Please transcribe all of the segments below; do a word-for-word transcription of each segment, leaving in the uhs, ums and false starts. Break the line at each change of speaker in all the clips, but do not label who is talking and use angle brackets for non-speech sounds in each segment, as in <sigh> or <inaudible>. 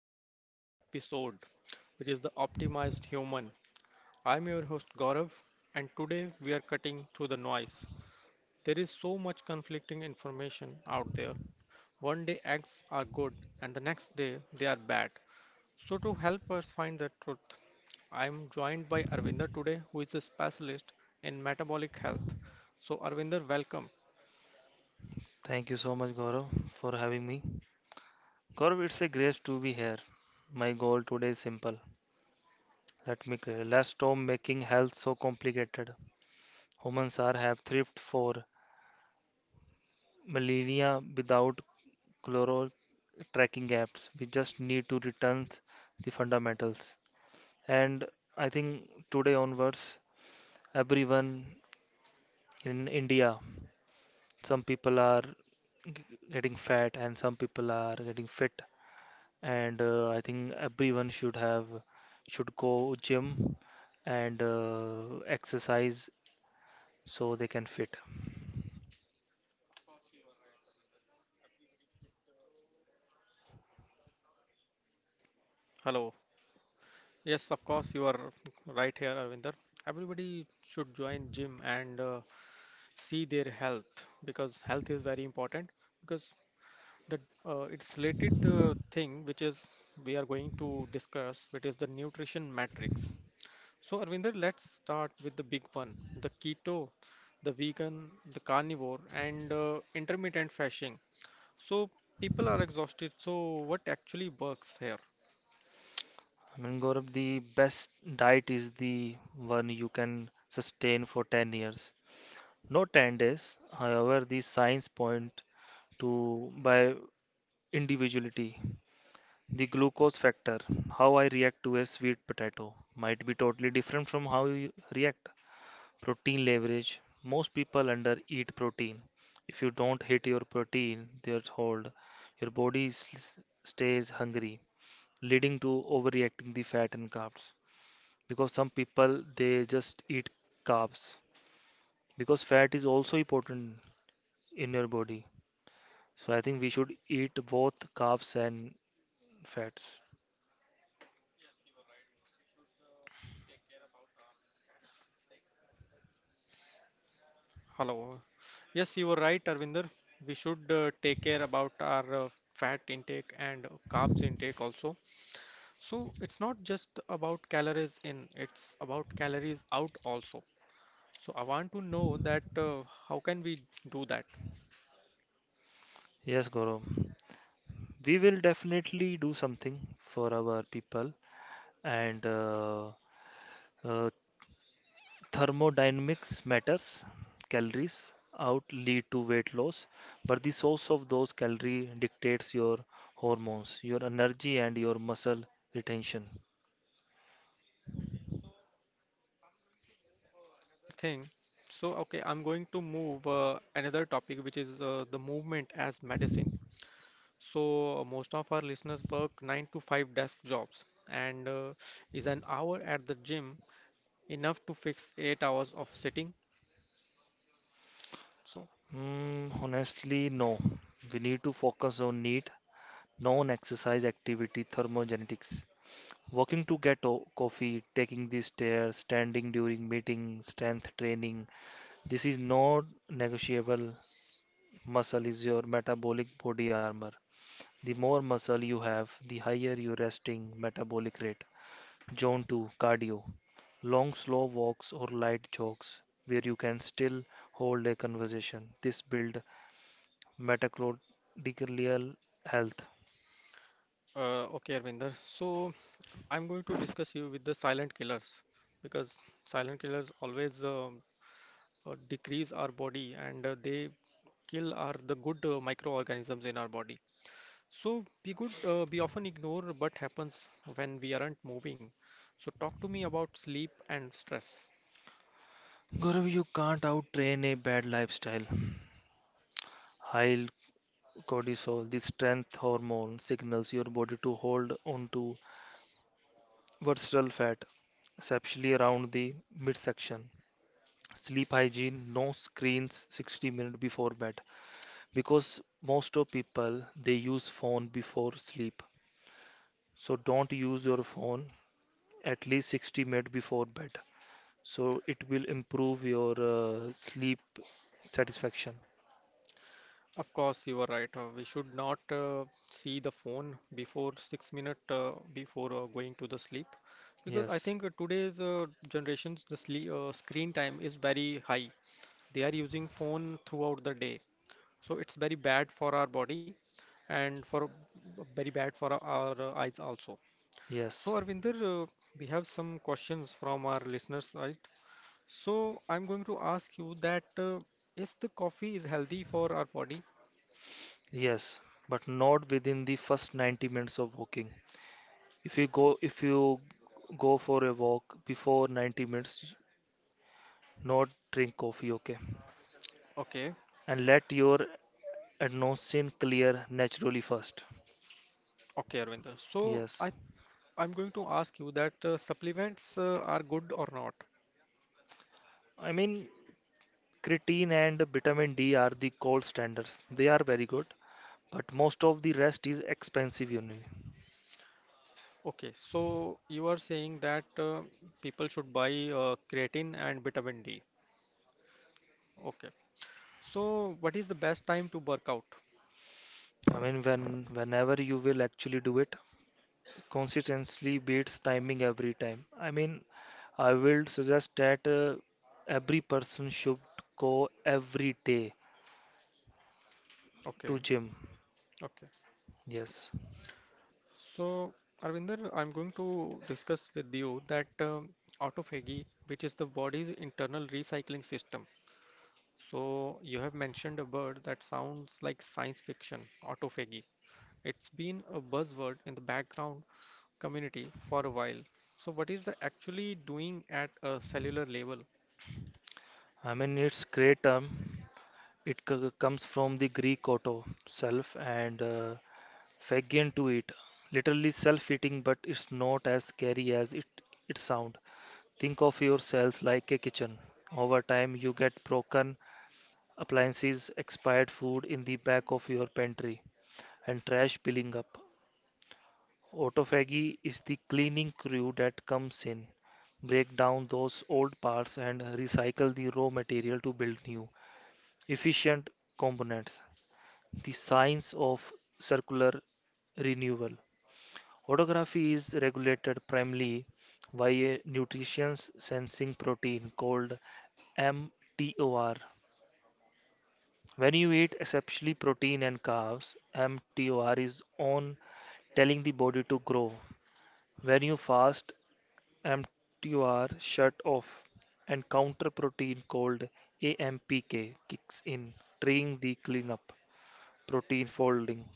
back to a new episode, which is the Optimized Human. I'm your host Gaurav, and today we are cutting through the noise. There is so much conflicting information out there. One day acts are good, and the next day they are bad. So, to help us find the truth, I'm joined by Arvinder today, who is a specialist in metabolic health. So, Arvinder, welcome.
Thank you so much, Gaurav, for having me. Gaurav, it's a grace to be here. My goal today is simple. Let me clear. Let's stop making health so complicated. Humans are have thrift for millennia without chloro tracking apps. We just need to return the fundamentals. And I think today onwards, everyone in India, some people are getting fat and some people are getting fit. and uh, I think everyone should have should go gym and uh, exercise so they can fit.
Hello. Yes, of course, you are right here, Arvinder. Everybody should join gym and uh, see their health because health is very important because the uh, it's related uh, thing which is we are going to discuss, which is the nutrition matrix. So, Arvinder, let's start with the big one, the keto, the vegan, the carnivore, and uh, intermittent fasting. So, people are exhausted. So, what actually works here?
I mean, Gaurav, the best diet is the one you can sustain for ten years. Not ten days. However, the science point to by individuality. The glucose factor, how I react to a sweet potato, might be totally different from how you react. Protein leverage. Most people under eat protein. If you don't hit your protein threshold, your body s- stays hungry, leading to overreacting the fat and carbs. Because some people they just eat carbs, because fat is also important in your body. So I think we should eat both carbs and fats.
Hello. Yes, you were right, Arvinder. We should uh, take care about our uh, fat intake and carbs intake also. So it's not just about calories in, it's about calories out also. So I want to know that uh, how can we do that
Yes, Gaurav. We will definitely do something for our people, and uh, uh, thermodynamics matters. Calories out lead to weight loss, but the source of those calories dictates your hormones, your energy, and your muscle retention.
thing? So okay, I'm going to move uh, another topic, which is uh, the movement as medicine. So uh, most of our listeners work nine to five desk jobs and uh, is an hour at the gym enough to fix eight hours of sitting. So,
Mm, honestly, no. We need to focus on need, non-exercise activity, thermogenetics. Walking to get o- coffee, taking the stairs, standing during meeting, strength training. This is not negotiable. Muscle is your metabolic body armor. The more muscle you have, the higher your resting metabolic rate. Zone two cardio. Long, slow walks or light jogs where you can still hold a conversation. This builds mitochondrial health.
uh, okay, Arvinder. So, I'm going to discuss you with the silent killers because silent killers always um, uh, decrease our body and uh, they kill are the good uh, microorganisms in our body. So, we could uh, we often ignore what happens when we aren't moving. So, talk to me about sleep and stress.
Gaurav, you can't out-train a bad lifestyle. High cortisol, the strength hormone, signals your body to hold on to visceral fat, especially around the midsection. Sleep hygiene: no screens sixty minutes before bed, because most of people they use phone before sleep. So don't use your phone at least sixty minutes before bed, so it will improve your uh, sleep satisfaction.
Of course, you are right. Uh, we should not uh, see the phone before six minutes uh, before uh, going to the sleep, because I
Yes.
think uh, today's uh, generations the sleep uh, screen time is very high. They are using phone throughout the day, so it's very bad for our body, and for very bad for our, our uh, eyes also.
Yes.
So, Arvinder, uh, we have some questions from our listeners, right? So, I'm going to ask you that uh, is the coffee is healthy for our body?
Yes, but not within the first ninety minutes of walking. If you go if you go for a walk before ninety minutes, not drink coffee. Okay?
Okay,
And let your adenosine clear naturally first.
okay, Arvinder. So
Yes.
I I'm going to ask you that uh, supplements uh, are good or not.
I mean, creatine and vitamin D are the gold standards. They are very good, but most of the rest is expensive only.
Okay, so you are saying that uh, people should buy uh, creatine and vitamin D. Okay. So what is the best time to work out?
I mean, when whenever you will actually do it, consistency beats timing every time. I mean, I will suggest that uh, every person should go every day
Okay.
to gym.
Okay.
Yes.
So Arvinder, I'm going to discuss with you that um, autophagy, which is the body's internal recycling system. So you have mentioned a word that sounds like science fiction, autophagy. It's been a buzzword in the background community for a while. So, what is the actually doing at a cellular level?
I mean, it's great term. It c- comes from the Greek auto self and uh, Fagin to eat, literally self-eating, but it's not as scary as it it sounds. Think of your cells like a kitchen. Over time, you get broken appliances, expired food in the back of your pantry, and trash piling up. Autophagy is the cleaning crew that comes in, break down those old parts, and recycle the raw material to build new, efficient components. The science of circular renewal. Autography is regulated primarily by a nutrition sensing protein called mTOR. When you eat especially protein and carbs, mTOR is on, telling the body to grow. When you fast, mTOR shut off and counter protein called A M P K kicks in, triggering the cleanup protein folding.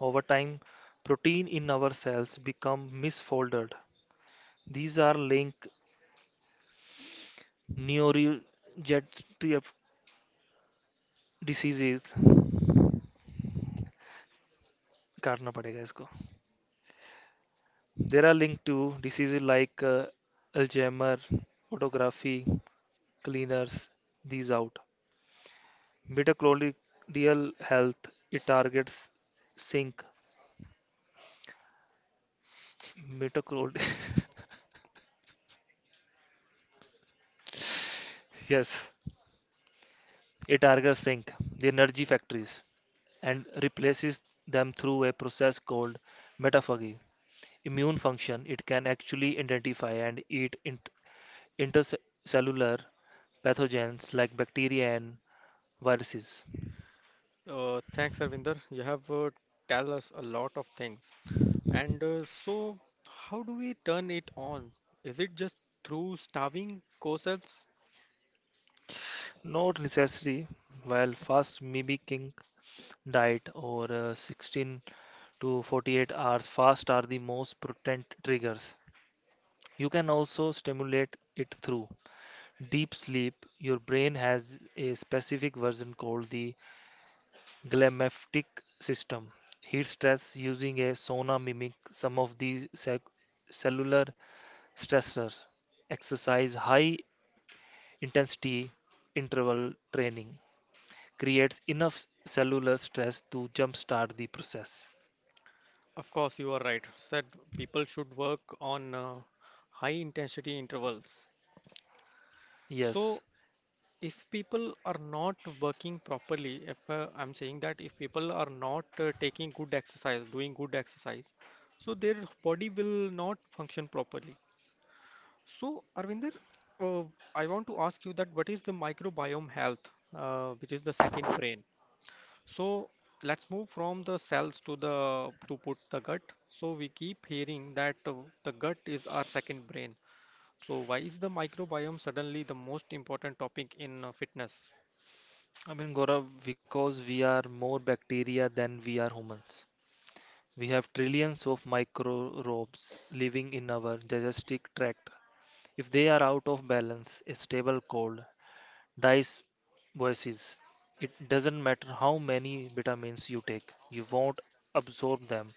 Over time, protein in our cells become misfolded. These are linked neurodegenerative diseases करना पड़ेगा इसको. There are linked to diseases like uh, Alzheimer, autography, cleaners, these out. Mitochondrial health, it targets zinc. Mitochondria, <laughs> yes, it targets zinc, the energy factories, and replaces them through a process called metaphagy. Immune function: it can actually identify and eat int- intercellular pathogens like bacteria and viruses.
Uh, thanks, Arvinder. You have uh, tell us a lot of things. And uh, so, how do we turn it on? Is it just through starving co-cells?
Not necessary while fast mimicking diet or uh, sixteen to forty-eight hours fast are the most potent triggers. You can also stimulate it through deep sleep. Your brain has a specific version called the glymphatic system. Heat stress using a sauna mimic some of these cell- cellular stressors. Exercise high intensity interval training creates enough cellular stress to jumpstart the process.
Of course, you are right. Said people should work on uh, high intensity intervals.
Yes.
So, if people are not working properly, if uh, I'm saying that if people are not uh, taking good exercise doing good exercise, so their body will not function properly. So, Arvinder, uh, I want to ask you that what is the microbiome health, uh, which is the second brain. So let's move from the cells to the to put the gut. So we keep hearing that uh, the gut is our second brain. So why is the microbiome suddenly the most important topic in uh, fitness?
I mean, Gaurav, because we are more bacteria than we are humans. We have trillions of microbes living in our digestive tract. If they are out of balance, a stable cold, Dice voices. It doesn't matter how many vitamins you take, you won't absorb them.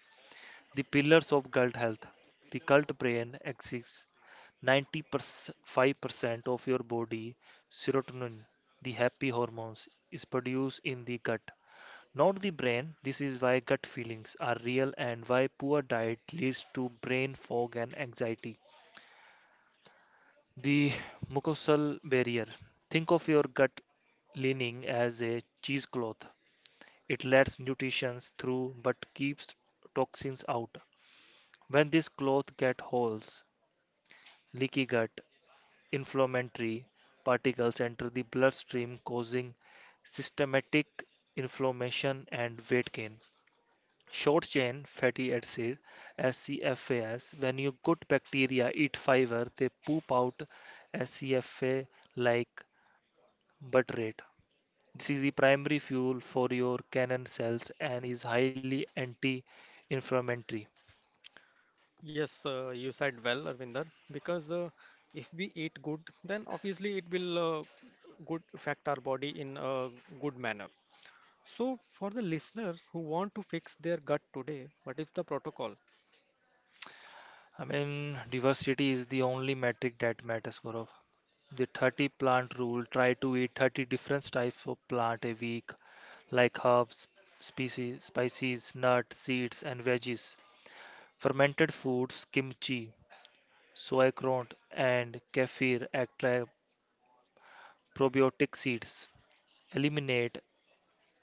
The pillars of gut health. The cult brain exists ninety-five percent of your body serotonin, the happy hormones, is produced in the gut, not the brain. This is why gut feelings are real and why poor diet leads to brain fog and anxiety. The mucosal barrier. Think of your gut lining as a cheesecloth. It lets nutrition through but keeps toxins out. When this cloth gets holes, leaky gut, inflammatory particles enter the bloodstream, causing systematic inflammation and weight gain. Short chain fatty acid S C F As. When your good bacteria eat fiber, they poop out S C F A like but rate. This is the primary fuel for your cannon cells and is highly anti-inflammatory.
Yes, uh, you said well, Arvinder, because uh, if we eat good, then obviously it will uh, good affect our body in a good manner. So for the listeners who want to fix their gut today, what is the protocol?
I mean, diversity is the only metric that matters, Gaurav. The thirty plant rule: try to eat thirty different types of plant a week, like herbs, species, spices, nuts, seeds, and veggies. Fermented foods, kimchi, sauerkraut, and kefir act like probiotic seeds. Eliminate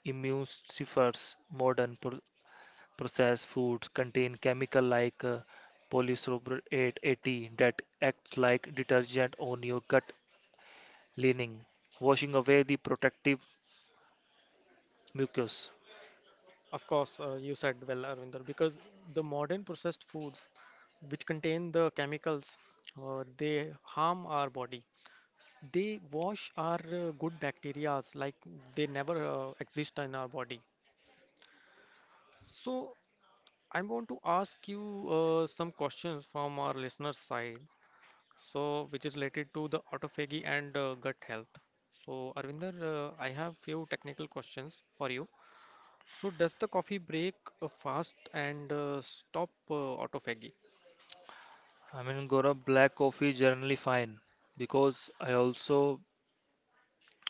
immunosuppressants. Modern pro- processed foods contain chemical like uh, polysorbate eighty that acts like detergent on your gut lining, washing away the protective mucus.
Of course, uh, you said well, Arvinder, because the modern processed foods which contain the chemicals, uh, they harm our body. S- They wash our uh, good bacteria like they never uh, exist in our body. So I want to ask you uh, some questions from our listeners' side, so which is related to the autophagy and uh, gut health. So, Arvinder, uh, I have few technical questions for you. So, does the coffee break a fast and uh, stop uh, autophagy?
I mean, Gaurav, black coffee generally fine, because I also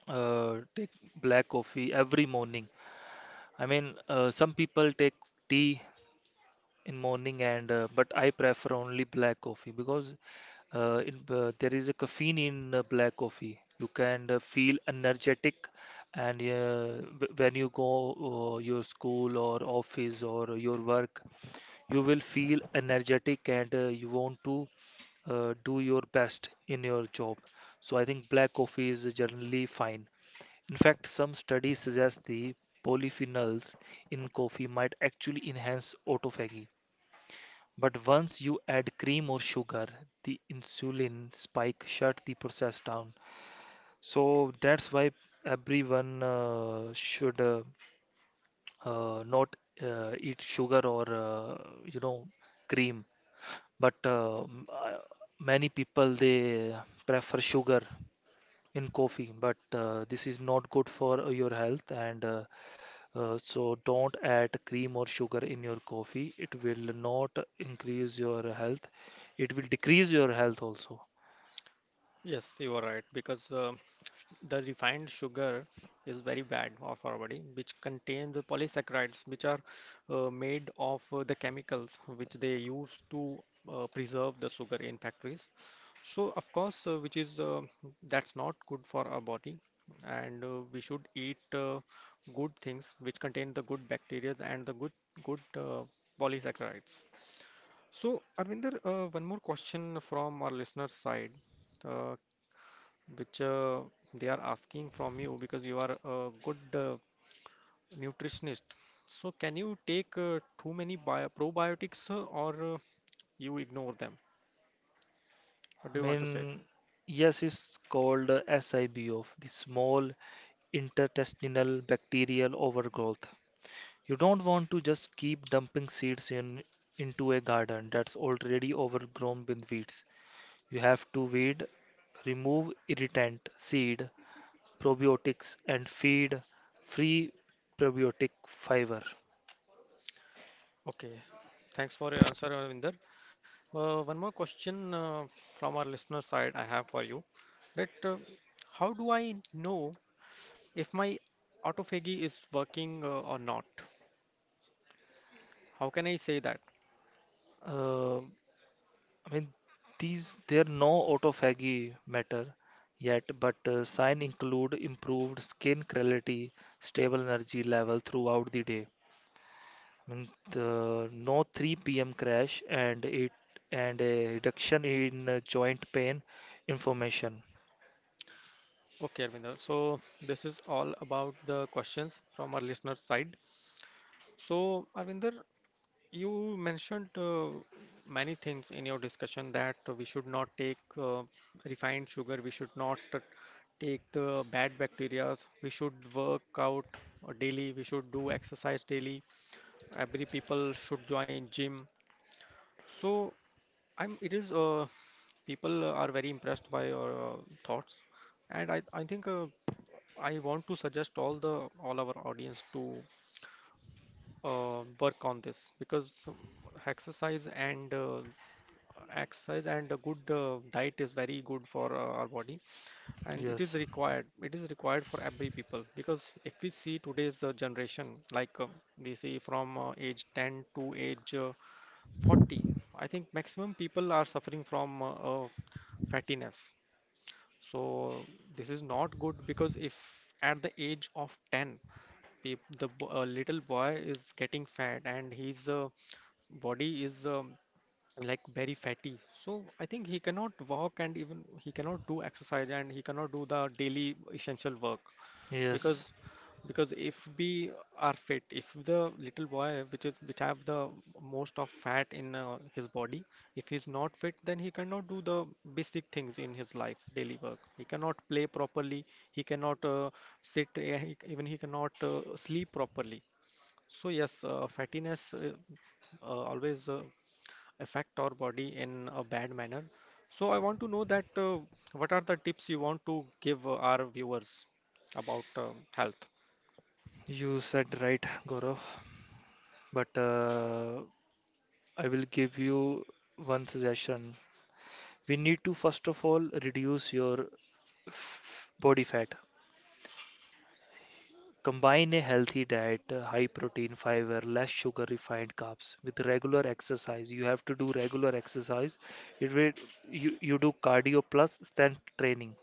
uh, take black coffee every morning. I mean, uh, some people take tea in morning, and uh, but I prefer only black coffee, because uh, in, uh, there is a caffeine in uh, black coffee. You can uh, feel energetic, and uh, wh- when you go uh, your school or office or your work, you will feel energetic and uh, you want to uh, do your best in your job. So I think black coffee is generally fine. In fact, some studies suggest the polyphenols in coffee might actually enhance autophagy, but once you add cream or sugar, the insulin spike shut the process down. So that's why everyone uh, should uh, uh, not uh, eat sugar or uh, you know cream. But uh, m- uh, many people they prefer sugar in coffee, but uh, this is not good for uh, your health, and uh, uh, so don't add cream or sugar in your coffee. It will not increase your health. It will decrease your health also.
Yes, you are right because uh, The refined sugar is very bad of our body, which contains the polysaccharides, which are uh, made of uh, the chemicals which they use to uh, preserve the sugar in factories. So, of course, uh, which is uh, that's not good for our body, and uh, we should eat uh, good things which contain the good bacteria and the good good uh, polysaccharides. So, Arvinder, uh, one more question from our listener's side. Uh, which uh, they are asking from you because you are a good uh, nutritionist. So can you take uh, too many bio probiotics uh, or uh, you ignore them? What
I
do you want to say?
mean, yes, it's called uh, SIBO, the small intertestinal bacterial overgrowth. You don't want to just keep dumping seeds in into a garden that's already overgrown with weeds. You have to weed, remove irritant seed, probiotics, and feed free probiotic fiber.
Okay, thanks for your answer, Ravinder. Uh, one more question uh, from our listener side I have for you that uh, how do I know if my autophagy is working uh, or not? How can I say that?
Uh, I mean, these there are no autophagy matter yet, but uh, sign include improved skin clarity, stable energy level throughout the day. I mean, the, no three p m crash, and it and a reduction in uh, joint pain inflammation.
Okay, Arvinder. So this is all about the questions from our listener side. So, Arvinder, you mentioned uh, many things in your discussion that we should not take uh, refined sugar, we should not uh, take the bad bacteria, we should work out uh, daily, we should do exercise daily. Every people should join gym. So, I'm it is uh, people are very impressed by your uh, thoughts, and I I think uh, I want to suggest all the all our audience to uh, work on this, because exercise and uh, exercise and a good uh, diet is very good for uh, our body, and it is
Yes,
required it is required for every people, because if we see today's uh, generation like um we see from uh, age ten to age uh, forty, I think maximum people are suffering from uh, uh, fattiness. So this is not good, because if at the age of ten Peop- The bo- uh, little boy is getting fat and his uh, body is um, like very fatty, so I think he cannot walk, and even he cannot do exercise, and he cannot do the daily essential work,
yes.
because because if we are fit, if the little boy which is which have the most of fat in uh, his body, if he's not fit, then he cannot do the basic things in his life, daily work he cannot play properly, he cannot uh, sit, eh, he- even he cannot uh, sleep properly. So yes, uh, fattiness uh, uh, always uh, affect our body in a bad manner. So I want to know that uh, what are the tips you want to give uh, our viewers about um health?
You said right, Gaurav, but uh, I will give you one suggestion. We need to first of all reduce your f- body fat. Combine a healthy diet, uh, high protein, fiber, less sugar, refined carbs, with regular exercise. You have to do regular exercise. It will you, you do cardio plus strength training.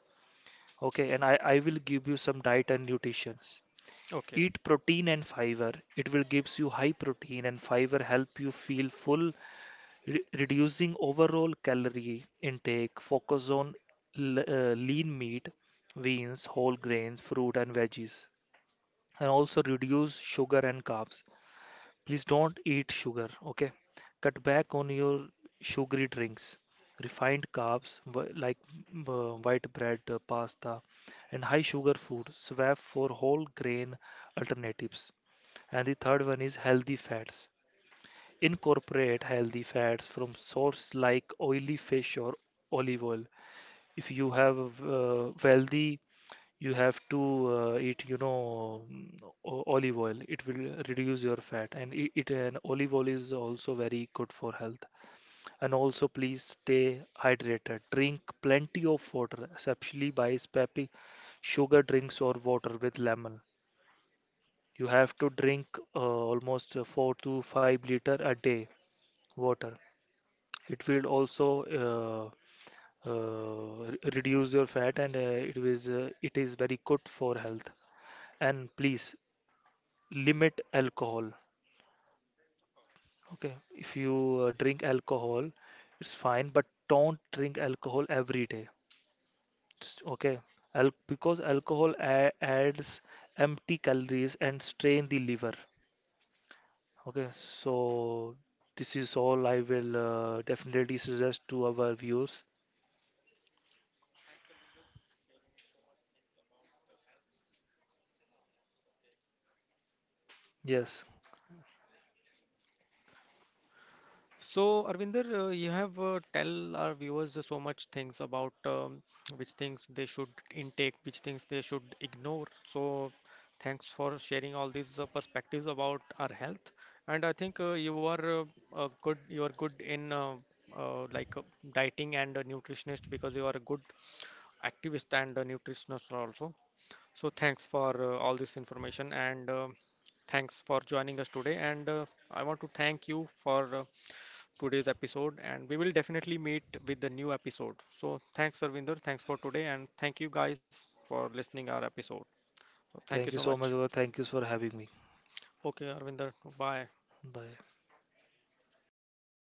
Okay, and I, I will give you some diet and nutrition.
Okay.
Eat protein and fiber. It will gives you high protein and fiber help you feel full, re- reducing overall calorie intake. Focus on l- uh, lean meat, beans, whole grains, fruit and veggies, and also reduce sugar and carbs. Please don't eat sugar, okay? Cut back on your sugary drinks. Refined carbs wh- like uh, white bread, uh, pasta, and high sugar food. Swap for whole grain alternatives. And the third one is healthy fats. Incorporate healthy fats from source like oily fish or olive oil. If you have uh, wealthy, you have to uh, eat you know mm, o- olive oil. It will reduce your fat, and it, it and olive oil is also very good for health. And also please stay hydrated, drink plenty of water, especially by spappy sugar drinks or water with lemon. You have to drink uh, almost uh, four to five liter a day water. It will also uh, uh, re- reduce your fat, and uh, it is uh, it is very good for health. And please limit alcohol. Okay, if you uh, drink alcohol, it's fine, but don't drink alcohol every day. It's okay. Al Because alcohol a adds empty calories and strain the liver. Okay, so this is all I will uh, definitely suggest to our viewers. Yes.
So, Arvinder, uh, you have uh, tell our viewers uh, so much things about um, which things they should intake, which things they should ignore. So, thanks for sharing all these uh, perspectives about our health. And I think uh, you are uh, a good, you are good in uh, uh, like uh, dieting and a nutritionist, because you are a good activist and a nutritionist also. So, thanks for uh, all this information, and uh, thanks for joining us today. And uh, I want to thank you for. Uh, today's episode, and we will definitely meet with the new episode. So thanks, Arvinder. Thanks for today, and thank you guys for listening our episode. Thank you
Thank
so
you so
much.
much, Gaurav. Thank you for having me.
Okay, Arvinder. Bye.
Bye.